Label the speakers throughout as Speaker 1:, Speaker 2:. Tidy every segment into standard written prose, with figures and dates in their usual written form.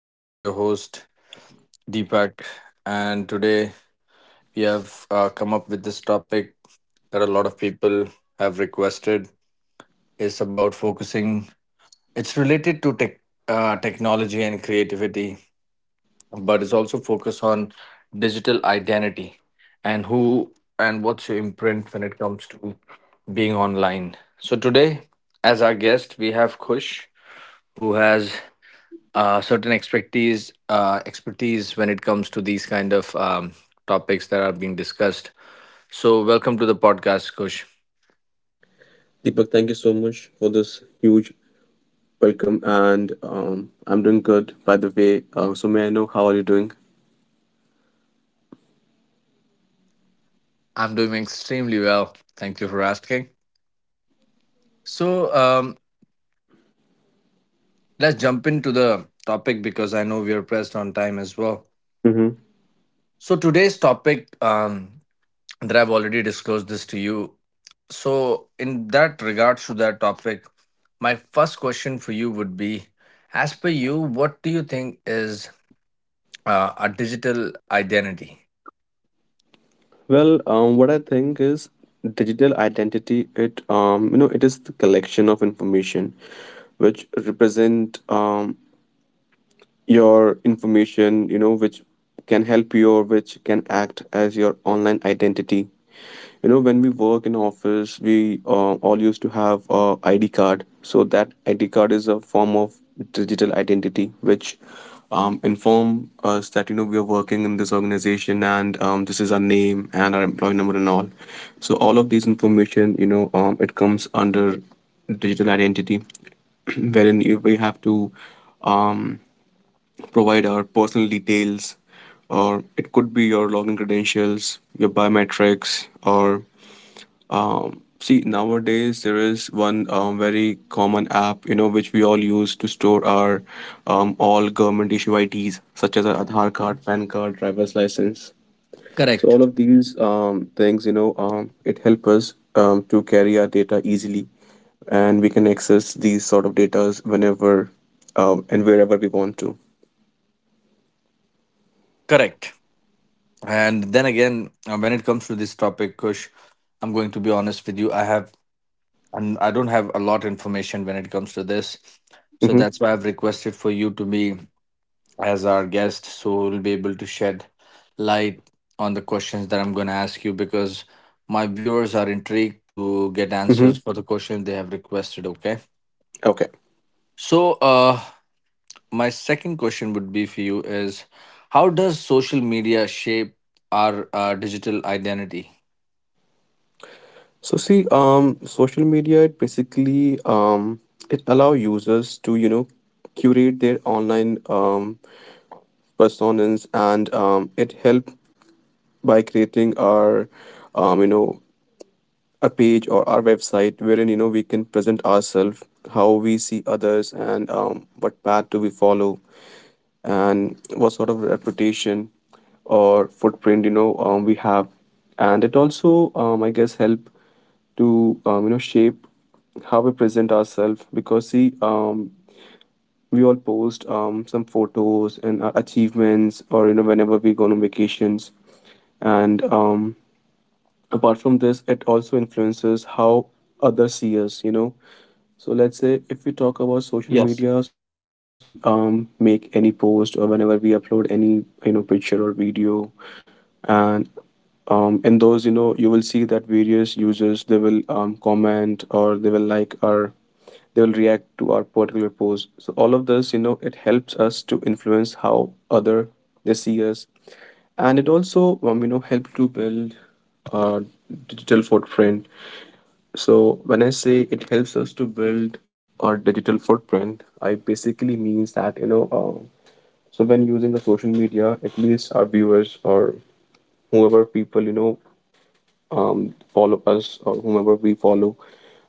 Speaker 1: This is your host, Deepak. And today we have come up with this topic that a lot of people have requested. It's about focusing, it's related to tech, technology and creativity, but it's also focused on digital identity and who and what's your imprint when it comes to being online. So, today, as our guest, we have Kush, who has certain expertise expertise when it comes to these kind of topics that are being discussed. So, welcome to the podcast, Kush.
Speaker 2: Deepak, thank you so much for this huge welcome, and I'm doing good, by the way. So, may I know how are you doing?
Speaker 1: I'm doing extremely well. Thank you for asking. So, let's jump into the topic because I know we are pressed on time as well.
Speaker 2: Hmm.
Speaker 1: So, today's topic that I've already disclosed this to you. So, in that regards to that topic, my first question for you would be: As per you, what do you think is a digital identity.
Speaker 2: Well, what I think is digital identity. It is the collection of information which represent your information. You know, which can help you or which can act as your online identity. You know, when we work in office, we all used to have a ID card. So that ID card is a form of digital identity, which inform us that you know we are working in this organization and this is our name and our employee number and all. So all of these information, you know, it comes under digital identity, wherein we have to um, provide our personal details, or it could be your login credentials, your biometrics, or see, nowadays there is one very common app, you know, which we all use to store our all government issue IDs, such as our Aadhaar card, PAN card, driver's license. So
Speaker 1: Correct.
Speaker 2: all of these things, you know, it help us to carry our data easily, and we can access these sort of data whenever and wherever we want to.
Speaker 1: Correct. And then again, when it comes to this topic, Kush, I'm going to be honest with you. I have, and I don't have a lot information when it comes to this, so
Speaker 2: Mm-hmm.
Speaker 1: that's why I've requested for you to be as our guest, so we'll be able to shed light on the questions that I'm going to ask you because my viewers are intrigued to get
Speaker 2: Mm-hmm.
Speaker 1: answers for the questions they have requested. Okay.
Speaker 2: Okay.
Speaker 1: So, my second question would be for you is how does social media shape our digital identity.
Speaker 2: So see, social media it basically it allow users to you know curate their online personas and it help by creating our um, you know a page or our website wherein you know we can present ourselves, how we see others, and what path do we follow and what sort of reputation or footprint you know we have, and it also I guess help to you know shape how we present ourselves because see we all post some photos and our achievements or you know whenever we go on vacations, and apart from this it also influences how others see us, you know. So let's say if we talk about social
Speaker 1: Yes.
Speaker 2: media, so whenever we make any post or whenever we upload any you know picture or video, and in those you know you will see that various users they will comment or they will like our, they will react to our particular post. So all of this you know it helps us to influence how other, they see us, and it also you know help to build our digital footprint. So when I say it helps us to build our digital footprint, I basically means that you know so when using the social media at least our viewers or whoever people you know follow us or whomever we follow,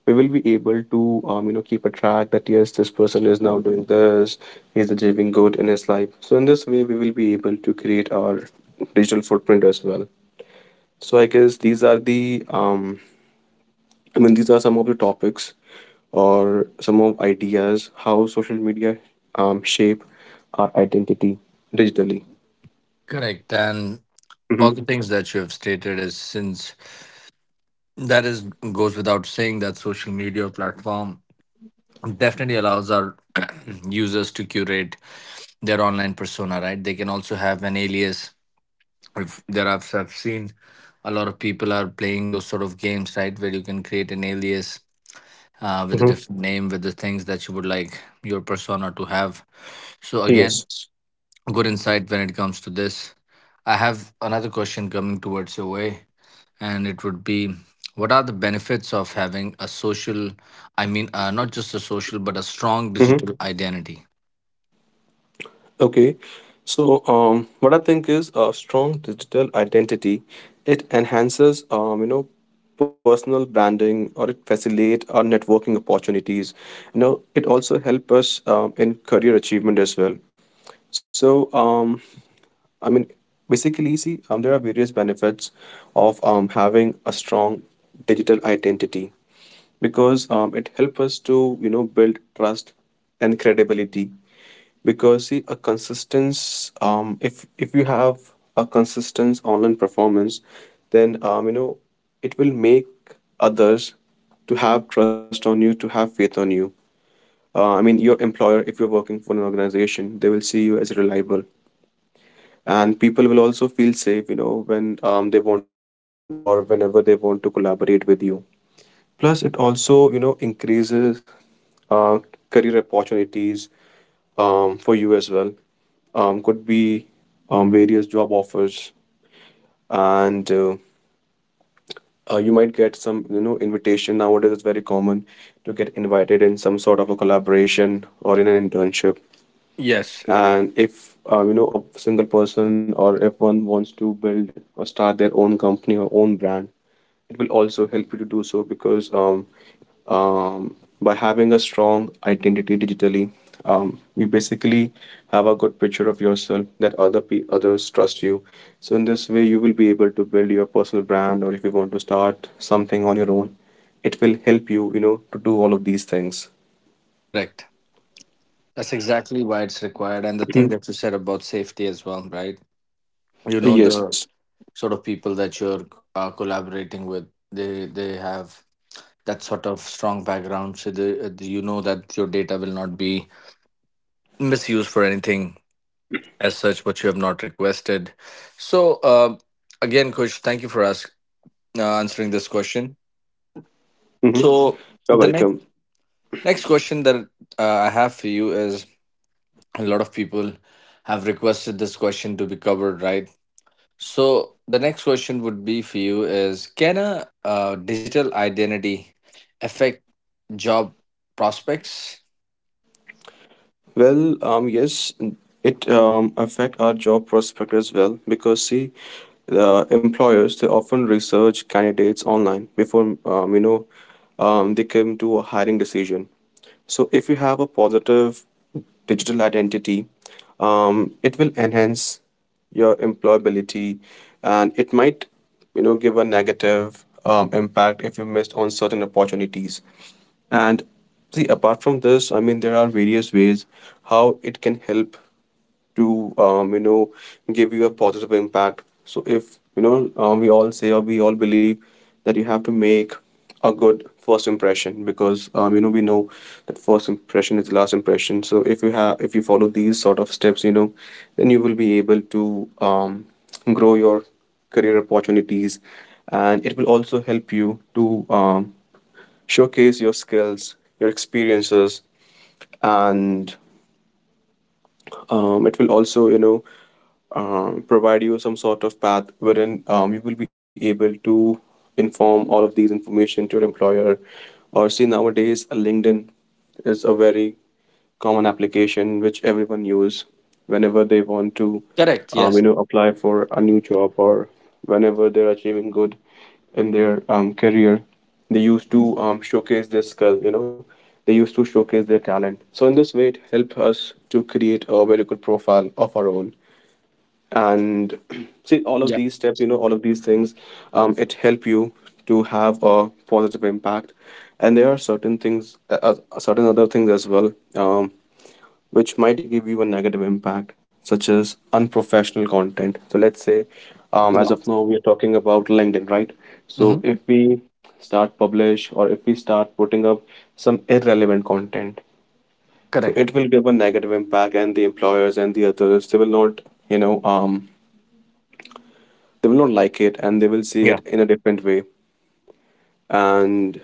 Speaker 2: we will be able to you know keep a track that yes this person is now doing this, he's achieving good in his life. So in this way we will be able to create our digital footprint as well. So I guess these are the these are some of the topics or some of ideas how social media shape our identity digitally.
Speaker 1: Correct. And all
Speaker 2: Hmm.
Speaker 1: the things that you have stated is since that is goes without saying that social media platform definitely allows our users to curate their online persona, right? They can also have an alias if there are, I've seen a lot of people are playing those sort of games, right, where you can create an alias with a
Speaker 2: Hmm.
Speaker 1: different name, with the things that you would like your persona to have. So
Speaker 2: Yes.
Speaker 1: again, good insight when it comes to this. I have another question coming towards your way, and it would be, what are the benefits of having a social? I mean, not just a social, but a strong digital identity.
Speaker 2: Okay, so what I think is a strong digital identity. It enhances, personal branding, or it facilitates our networking opportunities. You know, it also helps us in career achievement as well. So, I mean, basically, see, there are various benefits of having a strong digital identity because it helps us to you know build trust and credibility. Because see, if you have a consistent online performance, then you know it will make others to have trust on you, to have faith on you. I mean, your employer, if you're working for an organization, they will see you as reliable, and people will also feel safe you know when they want to interact or whenever they want to collaborate with you. Plus it also you know increases uh, career opportunities for you as well. Could be various job offers, and you might get some you know invitation. Nowadays it's very common to get invited in some sort of a collaboration or in an internship.
Speaker 1: Yes,
Speaker 2: And if you know a single person or if one wants to build or start their own company or own brand, it will also help you to do so because um, by having a strong identity digitally, you basically have a good picture of yourself that others trust you. So in this way, you will be able to build your personal brand, or if you want to start something on your own, it will help you, you know, to do all of these things.
Speaker 1: correct. That's exactly why it's required, and the thing
Speaker 2: Mhm.
Speaker 1: that you said about safety as well, right? You know
Speaker 2: Yes.
Speaker 1: the sort of people that you're collaborating with. They have that sort of strong background so you know that your data will not be misused for anything as such what you have not requested. So again, coach, thank you for answering this question. Hmm.
Speaker 2: Hmm.
Speaker 1: So
Speaker 2: You're
Speaker 1: the next
Speaker 2: welcome.
Speaker 1: next question that I have for you is a lot of people have requested this question to be covered, right? So the next question would be for you is can a digital identity affect job prospects.
Speaker 2: Well, yes, it affect our job prospect as well because see, the employers they often research candidates online before they come to a hiring decision. So if you have a positive digital identity, it will enhance your employability, and it might you know give a negative impact if you missed on certain opportunities. And see, apart from this, I mean, there are various ways how it can help to, give you a positive impact. So if, you know, we all say or we all believe that you have to make a good first impression because, you know, we know that first impression is the last impression. So if you have, if you follow these sort of steps, you know, then you will be able to, grow your career opportunities, and it will also help you to, showcase your skills, your experiences, and it will also, you know, provide you some sort of path wherein you will be able to inform all of these information to your employer. Or see nowadays, LinkedIn is a very common application which everyone use whenever they want to,
Speaker 1: Correct.
Speaker 2: you
Speaker 1: Yes.
Speaker 2: know, apply for a new job or whenever they're achieving good in their career. They used to showcase their skill, you know, they used to showcase their talent. So in this way it helped us to create a very good profile of our own. And see all of these steps you know all of these things it help you to have a positive impact. And there are certain things certain other things as well which might give you a negative impact, such as unprofessional content. So let's say, as
Speaker 1: Yeah.
Speaker 2: of now, we are talking about LinkedIn, right? So
Speaker 1: Hmm.
Speaker 2: if we start publish or if we start putting up some irrelevant content, so
Speaker 1: Correct.
Speaker 2: it will give a negative impact, and the employers and the others they will not, you know, they will not like it, and they will see it
Speaker 1: Yeah.
Speaker 2: in a different way. And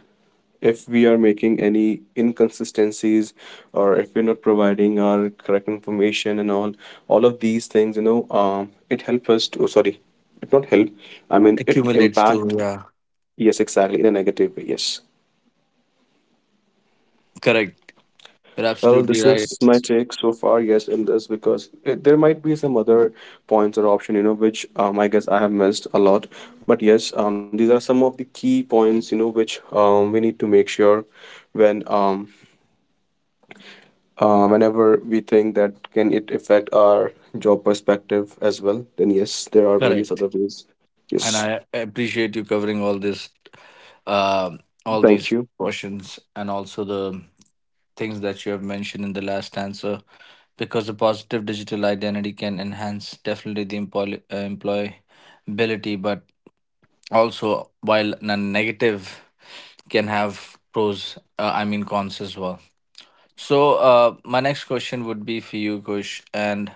Speaker 2: if we are making any inconsistencies or if we're not providing our correct information and all, of these things you know it help us to, sorry, it not help, I mean it
Speaker 1: Accumulates
Speaker 2: impact,
Speaker 1: to, yeah.
Speaker 2: yes exactly in a negative way, yes.
Speaker 1: Correct. You're
Speaker 2: Well
Speaker 1: absolutely
Speaker 2: this
Speaker 1: right.
Speaker 2: is my take so far, yes, in this, because it, there might be some other points or option you know which I guess I have missed a lot, but yes these are some of the key points you know which we need to make sure when whenever we think that can it affect our job perspective as well, then yes there are various
Speaker 1: Correct.
Speaker 2: other ways.
Speaker 1: And
Speaker 2: Yes.
Speaker 1: I appreciate you covering all this, um, all
Speaker 2: Thank
Speaker 1: these
Speaker 2: you.
Speaker 1: questions and also the things that you have mentioned in the last answer because a positive digital identity can enhance definitely the employability, but also while a negative can have I mean cons as well. So, my next question would be for you, Kush, and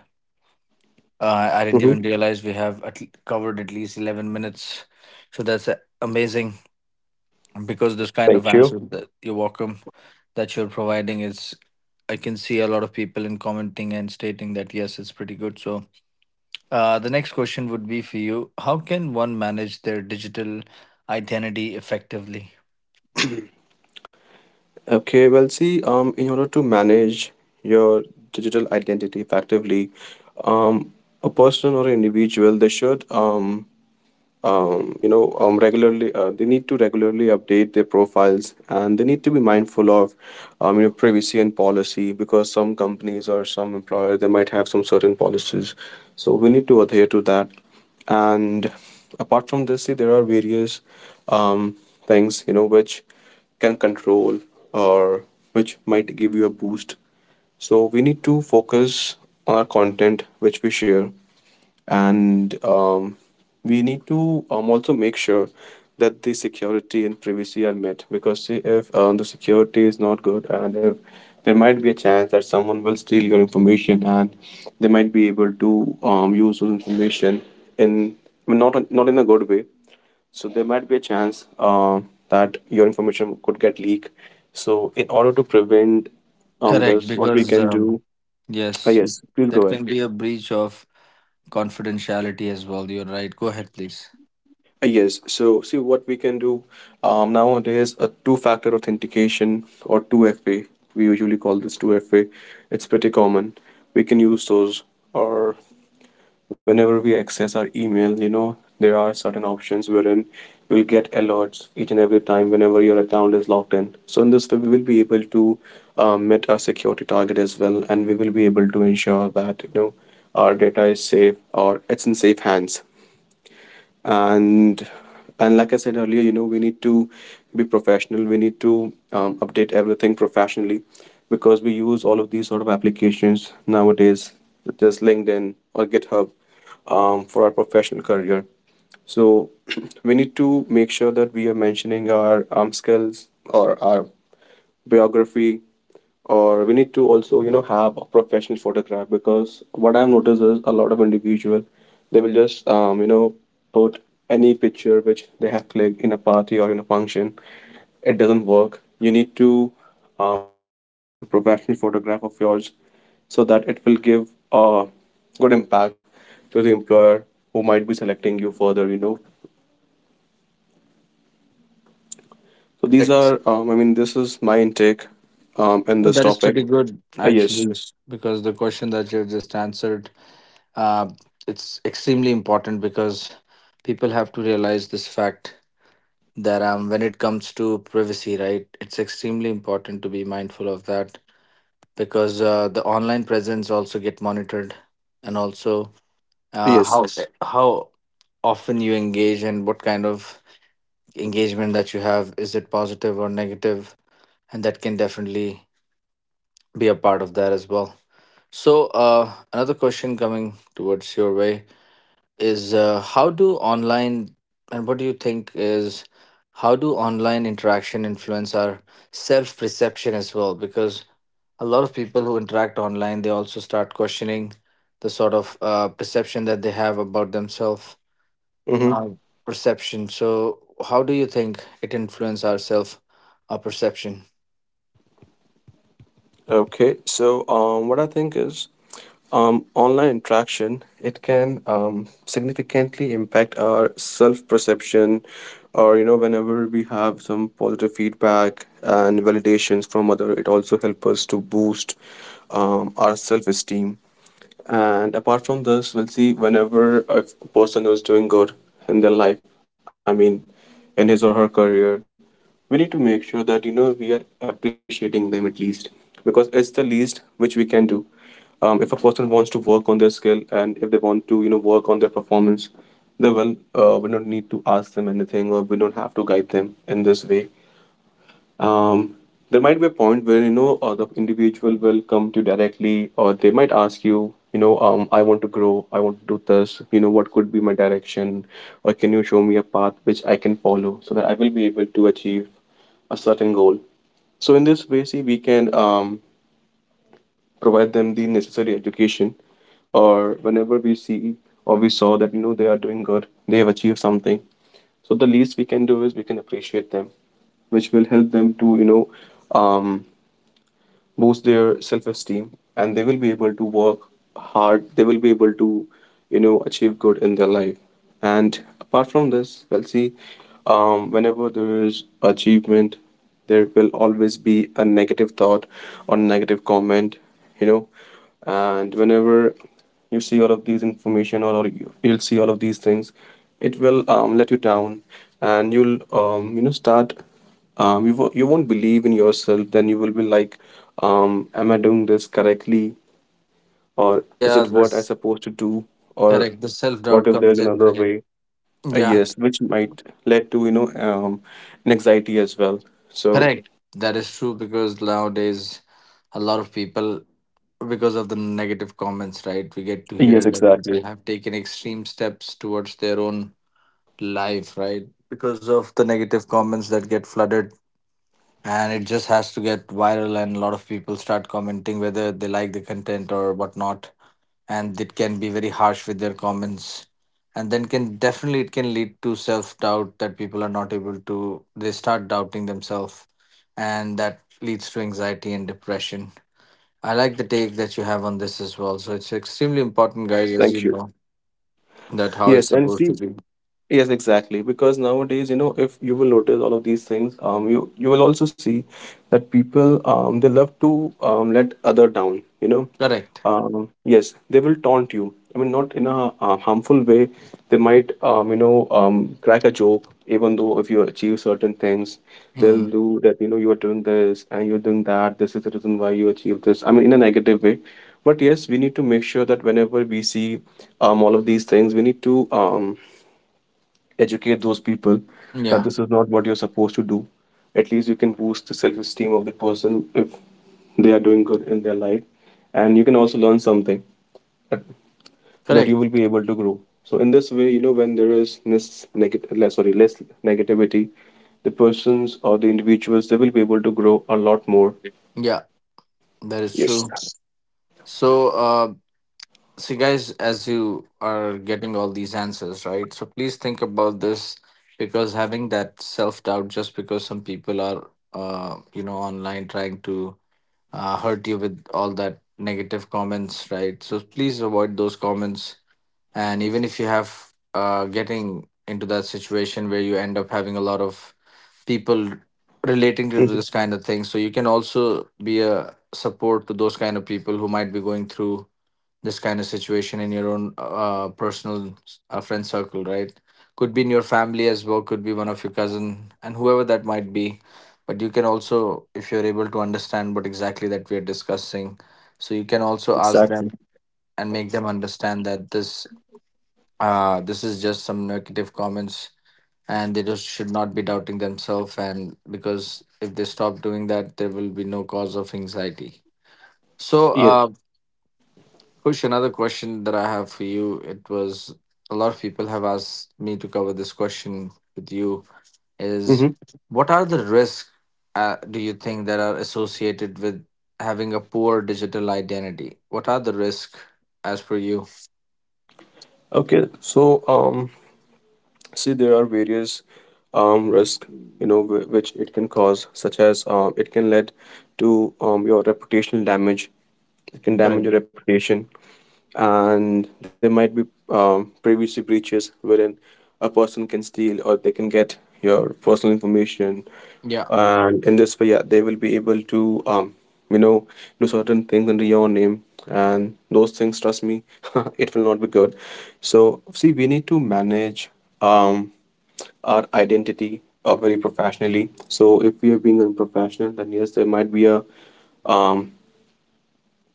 Speaker 1: I didn't
Speaker 2: Hmm.
Speaker 1: even realize we have at l- covered at least 11 minutes. So that's amazing because this kind of
Speaker 2: Thank you.
Speaker 1: answer that, you're welcome, that you're providing is, I can see a lot of people in commenting and stating that yes, it's pretty good. So, the next question would be for you: How can one manage their digital identity effectively?
Speaker 2: Okay, well see in order to manage your digital identity effectively, um a person or an individual they should regularly, they need to regularly update their profiles, and they need to be mindful of you know privacy and policy because some companies or some employer they might have some certain policies, so we need to adhere to that. And apart from this see, there are various um, things you know which can control or which might give you a boost. So we need to focus on our content which we share, and we need to also make sure that the security and privacy are met, because see, if the security is not good and if there might be a chance that someone will steal your information, and they might be able to use those information in, I mean, not in a good way. So there might be a chance that your information could get leaked. So in order to prevent
Speaker 1: Correct,
Speaker 2: this what we
Speaker 1: because
Speaker 2: can do— Ah
Speaker 1: yes, you-
Speaker 2: yes, please go
Speaker 1: that
Speaker 2: ahead.
Speaker 1: can be a breach of confidentiality as well. You're right. Go ahead, please.
Speaker 2: Yes. So, see what we can do nowadays a two-factor authentication or 2FA. We usually call this 2FA. It's pretty common. We can use those or whenever we access our email, there are certain options wherein we'll get alerts each and every time whenever your account is logged in. So in this way, we will be able to meet our security target as well, and we will be able to ensure that our data is safe or it's in safe hands and like I said earlier, we need to be professional. We need to update everything professionally because we use all of these sort of applications nowadays such as LinkedIn or GitHub, for our professional career. So we need to make sure that we are mentioning our skills or our biography, or we need to also have a professional photograph because what I've noticed is a lot of individual, they will just put any picture which they have clicked in a party or in a function. It doesn't work. You need to have at least a professional photograph of yours so that it will give a good impact to the employer who might be selecting you further. So these
Speaker 1: Correct.
Speaker 2: are I mean, this is my intake in
Speaker 1: Well,
Speaker 2: this
Speaker 1: that is
Speaker 2: topic.
Speaker 1: pretty good.
Speaker 2: Yes.
Speaker 1: Actually, yes, because the question that you just answered, uh, it's extremely important because people have to realize this fact that when it comes to privacy, right, it's extremely important to be mindful of that because the online presence also get monitored and also
Speaker 2: Yes.
Speaker 1: how Yes. how often you engage and what kind of engagement that you have. Is it positive or negative? And that can definitely be a part of that as well. So another question coming towards your way is how do online and what do you think is how do online interaction influence our self perception as well because a lot of people who interact online they also start questioning the sort of perception that they have about themselves, uh,
Speaker 2: Hmm.
Speaker 1: perception. So how do you think it influence our self perception?
Speaker 2: Okay. So, what I think is, online interaction, it can significantly impact our self perception, or you know, whenever we have some positive feedback and validations from other, it also helps us to boost our self esteem. And apart from this, we'll see whenever a person who is doing good in their life, I mean, in his or her career, we need to make sure that we are appreciating them at least because it's the least which we can do. If a person wants to work on their skill and if they want to work on their performance, they will. We don't need to ask them anything or we don't have to guide them in this way. um, there might be a point where the individual will come to you directly or they might ask you, you know I want to grow, I want to do this, you know what could be my direction, or can you show me a path which I can follow so that I will be able to achieve a certain goal. So in this way, see, we can provide them the necessary education, or whenever we see, or we saw that they are doing good, they have achieved something. So the least we can do is we can appreciate them, which will help them to um, boost their self-esteem, and they will be able to work hard, they will be able to achieve good in their life. And apart from this, well, see, whenever there is achievement, there will always be a negative thought or negative comment, you know. And whenever you see all of these information, or you'll see all of these things, it will let you down, and you'll start you won't believe in yourself, then you will be like, am I doing this correctly, or is
Speaker 1: Yeah,
Speaker 2: it what I
Speaker 1: that's.
Speaker 2: supposed to do, or
Speaker 1: Correct. The self
Speaker 2: what
Speaker 1: doubt
Speaker 2: if there's
Speaker 1: comes in,
Speaker 2: another
Speaker 1: right?
Speaker 2: way?
Speaker 1: Yeah,
Speaker 2: Yes, which might lead to an anxiety as well. So
Speaker 1: correct. That is true because nowadays, a lot of people, because of the negative comments, right? We get to
Speaker 2: yes,
Speaker 1: hear that
Speaker 2: exactly.
Speaker 1: people have taken extreme steps towards their own life, right? Because of the negative comments that get flooded. And it just has to get viral, and a lot of people start commenting whether they like the content or whatnot. And it can be very harsh with their comments, and then can definitely it can lead to self-doubt that people are not able to, they start doubting themselves, and that leads to anxiety and depression. I like the take that you have on this as well. So it's extremely important, guys, as you
Speaker 2: Thank you.
Speaker 1: know, that how it's
Speaker 2: Yes, and
Speaker 1: supposed to
Speaker 2: see.
Speaker 1: be.
Speaker 2: Yes, exactly. Because nowadays, you know, if you will notice all of these things, you will also see that people they love to let other down. You know,
Speaker 1: Correct.
Speaker 2: yes, they will taunt you. I mean, not in a harmful way. They might crack a joke, even though if you achieve certain things, they'll
Speaker 1: Hmm.
Speaker 2: do that. You know, you are doing this and you're doing that. This is the reason why you achieve this. I mean, in a negative way. But yes, we need to make sure that whenever we see all of these things, we need to um educate those people that
Speaker 1: Yeah.
Speaker 2: this is not what you're supposed to do. At least you can boost the self-esteem of the person if they are doing good in their life, and you can also learn something that- so that you
Speaker 1: Correct.
Speaker 2: will be able to grow. So in this way, you know, when there is less negative less sorry less negativity, the persons or the individuals, they will be able to grow a lot more.
Speaker 1: Yeah. That is
Speaker 2: Yes.
Speaker 1: true. So see, guys, as you are getting all these answers, right? So, please think about this because having that self doubt just because some people are, you know, online trying to hurt you with all that negative comments, right? So, please avoid those comments. And even if you have getting into that situation where you end up having a lot of people relating to
Speaker 2: Mhm.
Speaker 1: this kind of thing, so you can also be a support to those kind of people who might be going through this kind of situation in your own personal friend circle, right? Could be in your family as well, could be one of your cousin and whoever that might be. But you can also, if you're able to understand what exactly that we are discussing, so you can also ask them
Speaker 2: Exactly.
Speaker 1: and make them understand that this is just some negative comments, and they just should not be doubting themselves, and because if they stop doing that there will be no cause of anxiety. So
Speaker 2: Yes.
Speaker 1: Kush, another question that I have for you. It was a lot of people have asked me to cover this question with you is
Speaker 2: Mm-hmm.
Speaker 1: what are the risks do you think that are associated with having a poor digital identity? What are the risks as per you?
Speaker 2: Okay, so um see there are various risks, you know, which it can cause, such as it can lead to your reputational damage. It can damage
Speaker 1: Correct.
Speaker 2: your reputation. And there might be privacy breaches wherein a person can steal or they can get your personal information.
Speaker 1: Yeah.
Speaker 2: And in this way, yeah, they will be able to you know do certain things under your name, and those things, trust me, it will not be good. So see, we need to manage um, our identity very professionally. So if we are being unprofessional, then yes, there might be a um,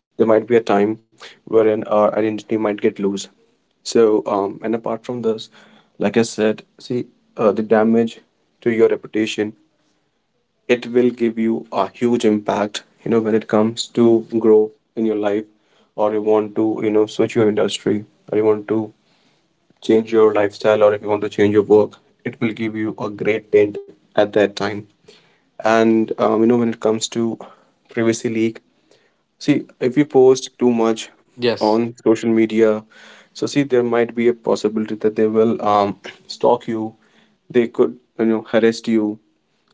Speaker 2: time wherein our identity might get loose. So and apart from this, like I said, see, the damage to your reputation. It will give you a huge impact. You know, when it comes to grow in your life, or you want to you know switch your industry, or you want to change your lifestyle, or if you want to change your work, it will give you a great dent at that time. And you know, when it comes to privacy leak, see, if you post too much
Speaker 1: Yes.
Speaker 2: on social media, so see, there might be a possibility that they will stalk you, they could you know harass you,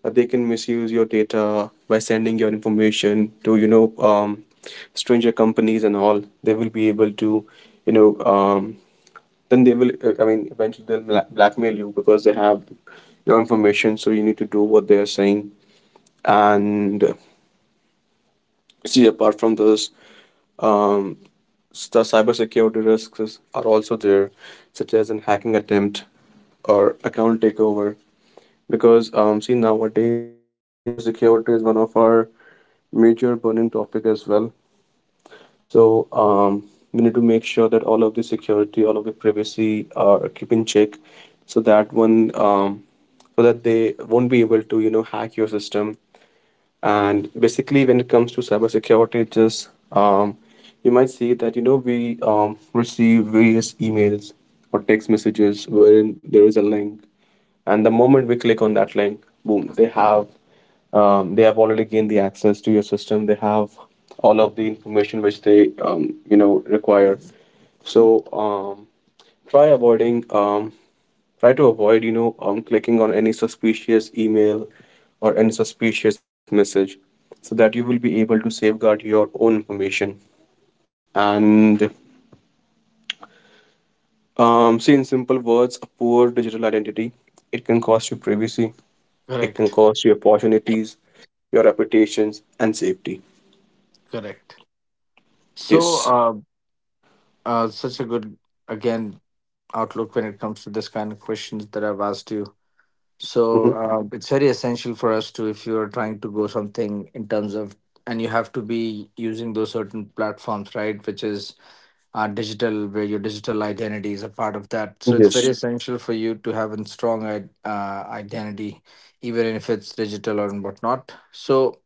Speaker 2: they can misuse your data by sending your information to stranger companies and all. They will be able to you know um, then they will I mean eventually they'll blackmail you because they have your information, so you need to do what they are saying. And see, apart from this, um, the cybersecurity risks are also there, such as an hacking attempt or account takeover. Because see, nowadays, cybersecurity is one of our major burning topic as well. So we need to make sure that all of the security, all of the privacy are keep in check, so that one, so that they won't be able to you know hack your system. And basically, when it comes to cybersecurity, just you might see that you know we receive various emails or text messages wherein there is a link, and the moment we click on that link, boom, they have already gained the access to your system. They have all of the information which they require. So um, try avoiding um, try to avoid clicking on any suspicious email or any suspicious message, so that you will be able to safeguard your own information. And see, in simple words, a poor digital identity, it can cost you privacy. It can
Speaker 1: Correct.
Speaker 2: cost you opportunities, your reputations, and safety.
Speaker 1: Correct. So,
Speaker 2: Yes.
Speaker 1: such a good, again, outlook when it comes to this kind of questions that I've asked you. So
Speaker 2: Hmm.
Speaker 1: it's very essential for us to, if you are trying to go something in terms of, and you have to be using those certain platforms, right? Which is digital, where your digital identity is a part of that. So it's
Speaker 2: Yes.
Speaker 1: very essential for you to have a strong identity, even if it's digital or whatnot. So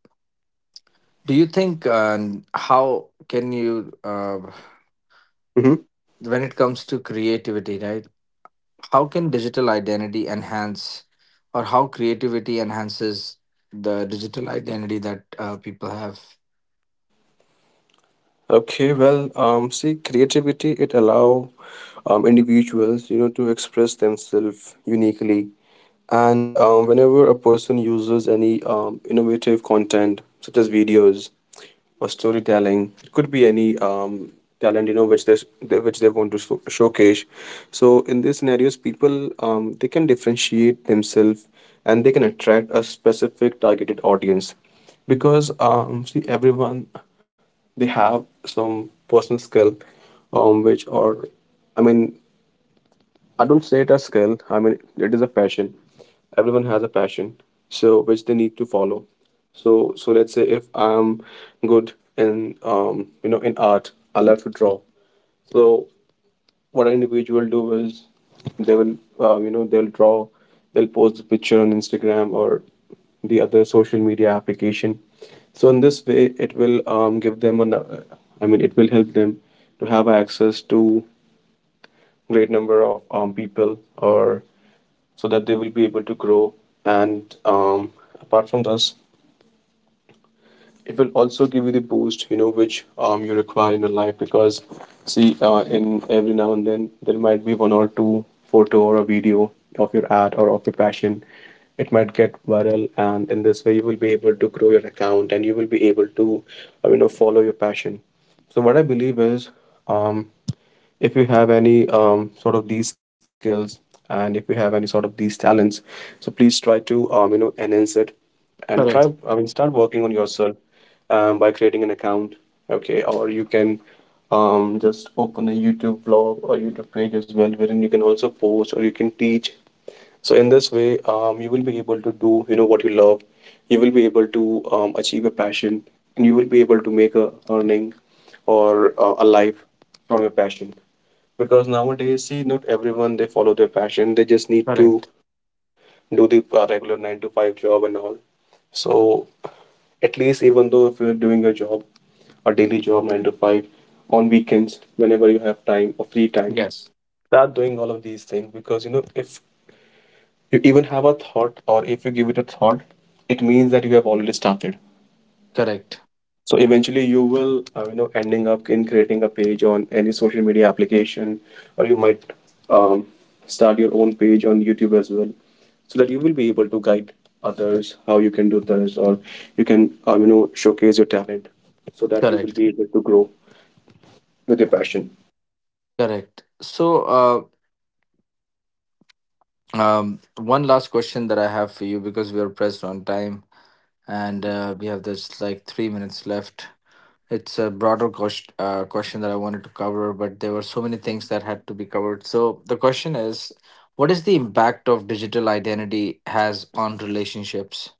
Speaker 1: do you think
Speaker 2: Mhm.
Speaker 1: when it comes to creativity, right? How can digital identity enhance, or how creativity enhances the digital identity that people have?
Speaker 2: Okay, well, see, creativity, it allow individuals, you know, to express themselves uniquely, and whenever a person uses any innovative content such as videos or storytelling, it could be any talent, you know, which which they want to showcase. So in these scenarios, people, they can differentiate themselves and they can attract a specific targeted audience, because see, everyone, they have some personal skill, which are, i mean I don't say it as skill, I mean it is a passion. Everyone has a passion, so which they need to follow. So let's say if I'm good in, in art, I love to draw. So what an individual do is, they will, they'll draw, they'll post the picture on Instagram or the other social media application. So in this way, it will, give them an, it will help them to have access to great number of people, or so that they will be able to grow. And apart from this, it will also give you the boost which you require in your life, because see, in every now and then there might be one or two photo or a video of your ad or of your passion. It might get viral, and in this way you will be able to grow your account, and you will be able to follow your passion. So what I believe is, um, if you have any sort of these skills, and if you have any sort of these talents, so please try to, enhance it, and try,
Speaker 1: Correct.
Speaker 2: start working on yourself, by creating an account. Okay, or you can, just open a YouTube vlog or YouTube page as well, wherein you can also post, or you can teach. So in this way, you will be able to do what you love. You will be able to achieve your passion, and you will be able to make a earning, or a life from your passion. Because nowadays, see, not everyone, they follow their passion, they just need to
Speaker 1: Correct.
Speaker 2: do the regular 9 to 5 job and all. So at least even though if you're doing a job, a daily job 9 to 5, on weekends whenever you have time or free time,
Speaker 1: Yes.
Speaker 2: start doing all of these things. Because if you even have a thought, or if you give it a thought, it means that you have already started.
Speaker 1: Correct.
Speaker 2: So eventually, you will, ending up in creating a page on any social media application, or you might um, start your own page on YouTube as well, so that you will be able to guide others how you can do this, or you can, showcase your talent, so that you will
Speaker 1: Correct.
Speaker 2: be able to grow with your passion.
Speaker 1: Correct. So, one last question that I have for you because we are pressed on time and
Speaker 2: Mhm.
Speaker 1: we have this like 3 minutes left. It's a broader question that I wanted to cover, but there were so many things that had to be covered. So the question is, what is the impact of digital identity has on relationships?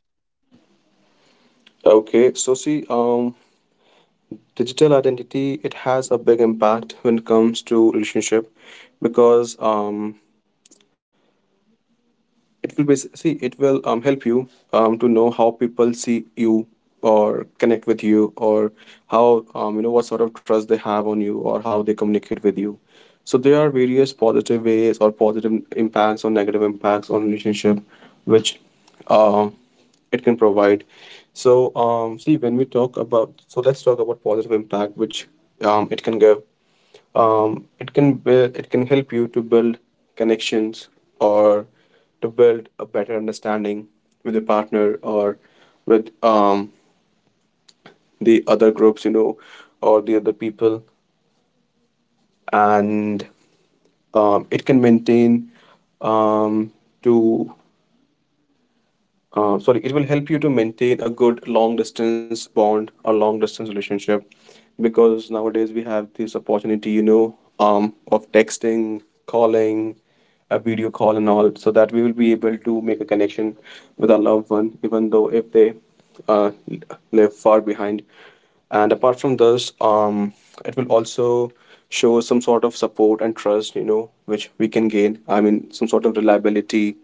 Speaker 2: Okay, so see, digital identity, it has a big impact when it comes to relationship, because it will be, see, it will help you to know how people see you or connect with you, or how, what sort of trust they have on you, or how they communicate with you. So there are various positive ways or positive impacts or negative impacts on relationship, which um, it can provide. So see, when we talk about, so let's talk about positive impact, which it can give. It can it can help you to build connections, or to build a better understanding with your partner, or with the other groups, or the other people. And it can maintain um, to sorry, it will help you to maintain a good long distance bond or long distance relationship, because nowadays we have this opportunity of texting, calling, a video call, and all, so that we will be able to make a connection with our loved one, even though if they uh, live far behind. And apart from this, it will also show some sort of support and trust which we can gain, some sort of reliability.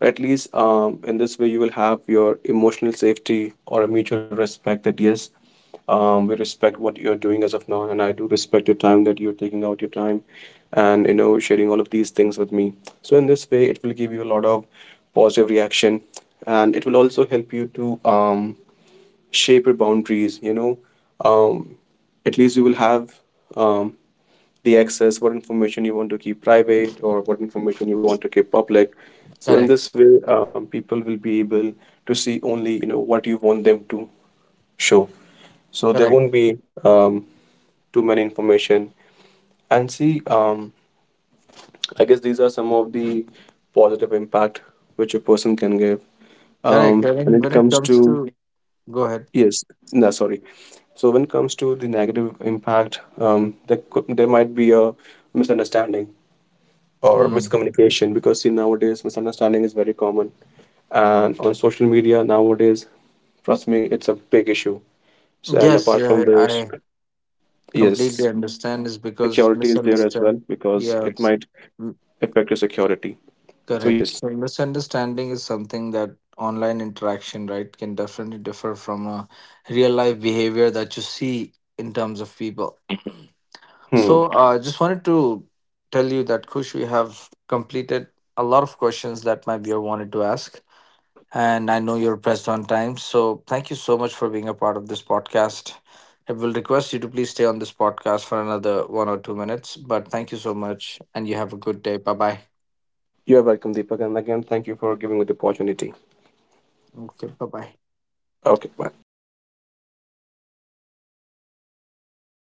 Speaker 2: At least in this way you will have your emotional safety or a mutual respect, that yes, we respect what you're doing as of now, and I do respect your time, that you're taking out your time and, sharing all of these things with me. So in this way it will give you a lot of positive reaction, and it will also help you to shape your boundaries, um, at least you will have um, the access, what information you want to keep private, or what information you want to keep public. So in
Speaker 1: Correct,
Speaker 2: this way, people will be able to see only what you want them to show. So there
Speaker 1: correct,
Speaker 2: won't be um, too many information. And see, I guess these are some of the positive impact which a person can give.
Speaker 1: correct. I
Speaker 2: When
Speaker 1: mean,
Speaker 2: it
Speaker 1: when it
Speaker 2: comes
Speaker 1: comes
Speaker 2: to,
Speaker 1: to, go ahead.
Speaker 2: yes, no, sorry. So when it comes to the negative impact, there could, there might be a misunderstanding or
Speaker 1: Hmm.
Speaker 2: miscommunication, because see, nowadays misunderstanding is very common, and on social media nowadays, trust me, it's a big issue. So, and
Speaker 1: Yes,
Speaker 2: apart from
Speaker 1: yeah,
Speaker 2: this,
Speaker 1: I completely
Speaker 2: yes, the
Speaker 1: understand. Is because
Speaker 2: security is there as
Speaker 1: misunderstand.
Speaker 2: well, because
Speaker 1: Yeah.
Speaker 2: it might affect your security. So
Speaker 1: Correct.
Speaker 2: yes.
Speaker 1: So misunderstanding is something that online interaction, right, can definitely differ from a real life behavior that you see in terms of people. So
Speaker 2: Hmm.
Speaker 1: I just wanted to tell you that Kush, we have completed a lot of questions that my viewer wanted to ask. And I know you're pressed on time. So thank you so much for being a part of this podcast. I will request you to please stay on this podcast for another 1 or 2 minutes. But thank you so much. And you have a good day. Bye bye.
Speaker 2: You're welcome, Deepak, and again thank you for giving me the opportunity.
Speaker 1: Okay, bye bye.
Speaker 2: Okay, bye.
Speaker 1: इसे leave मत करना अभी हाँ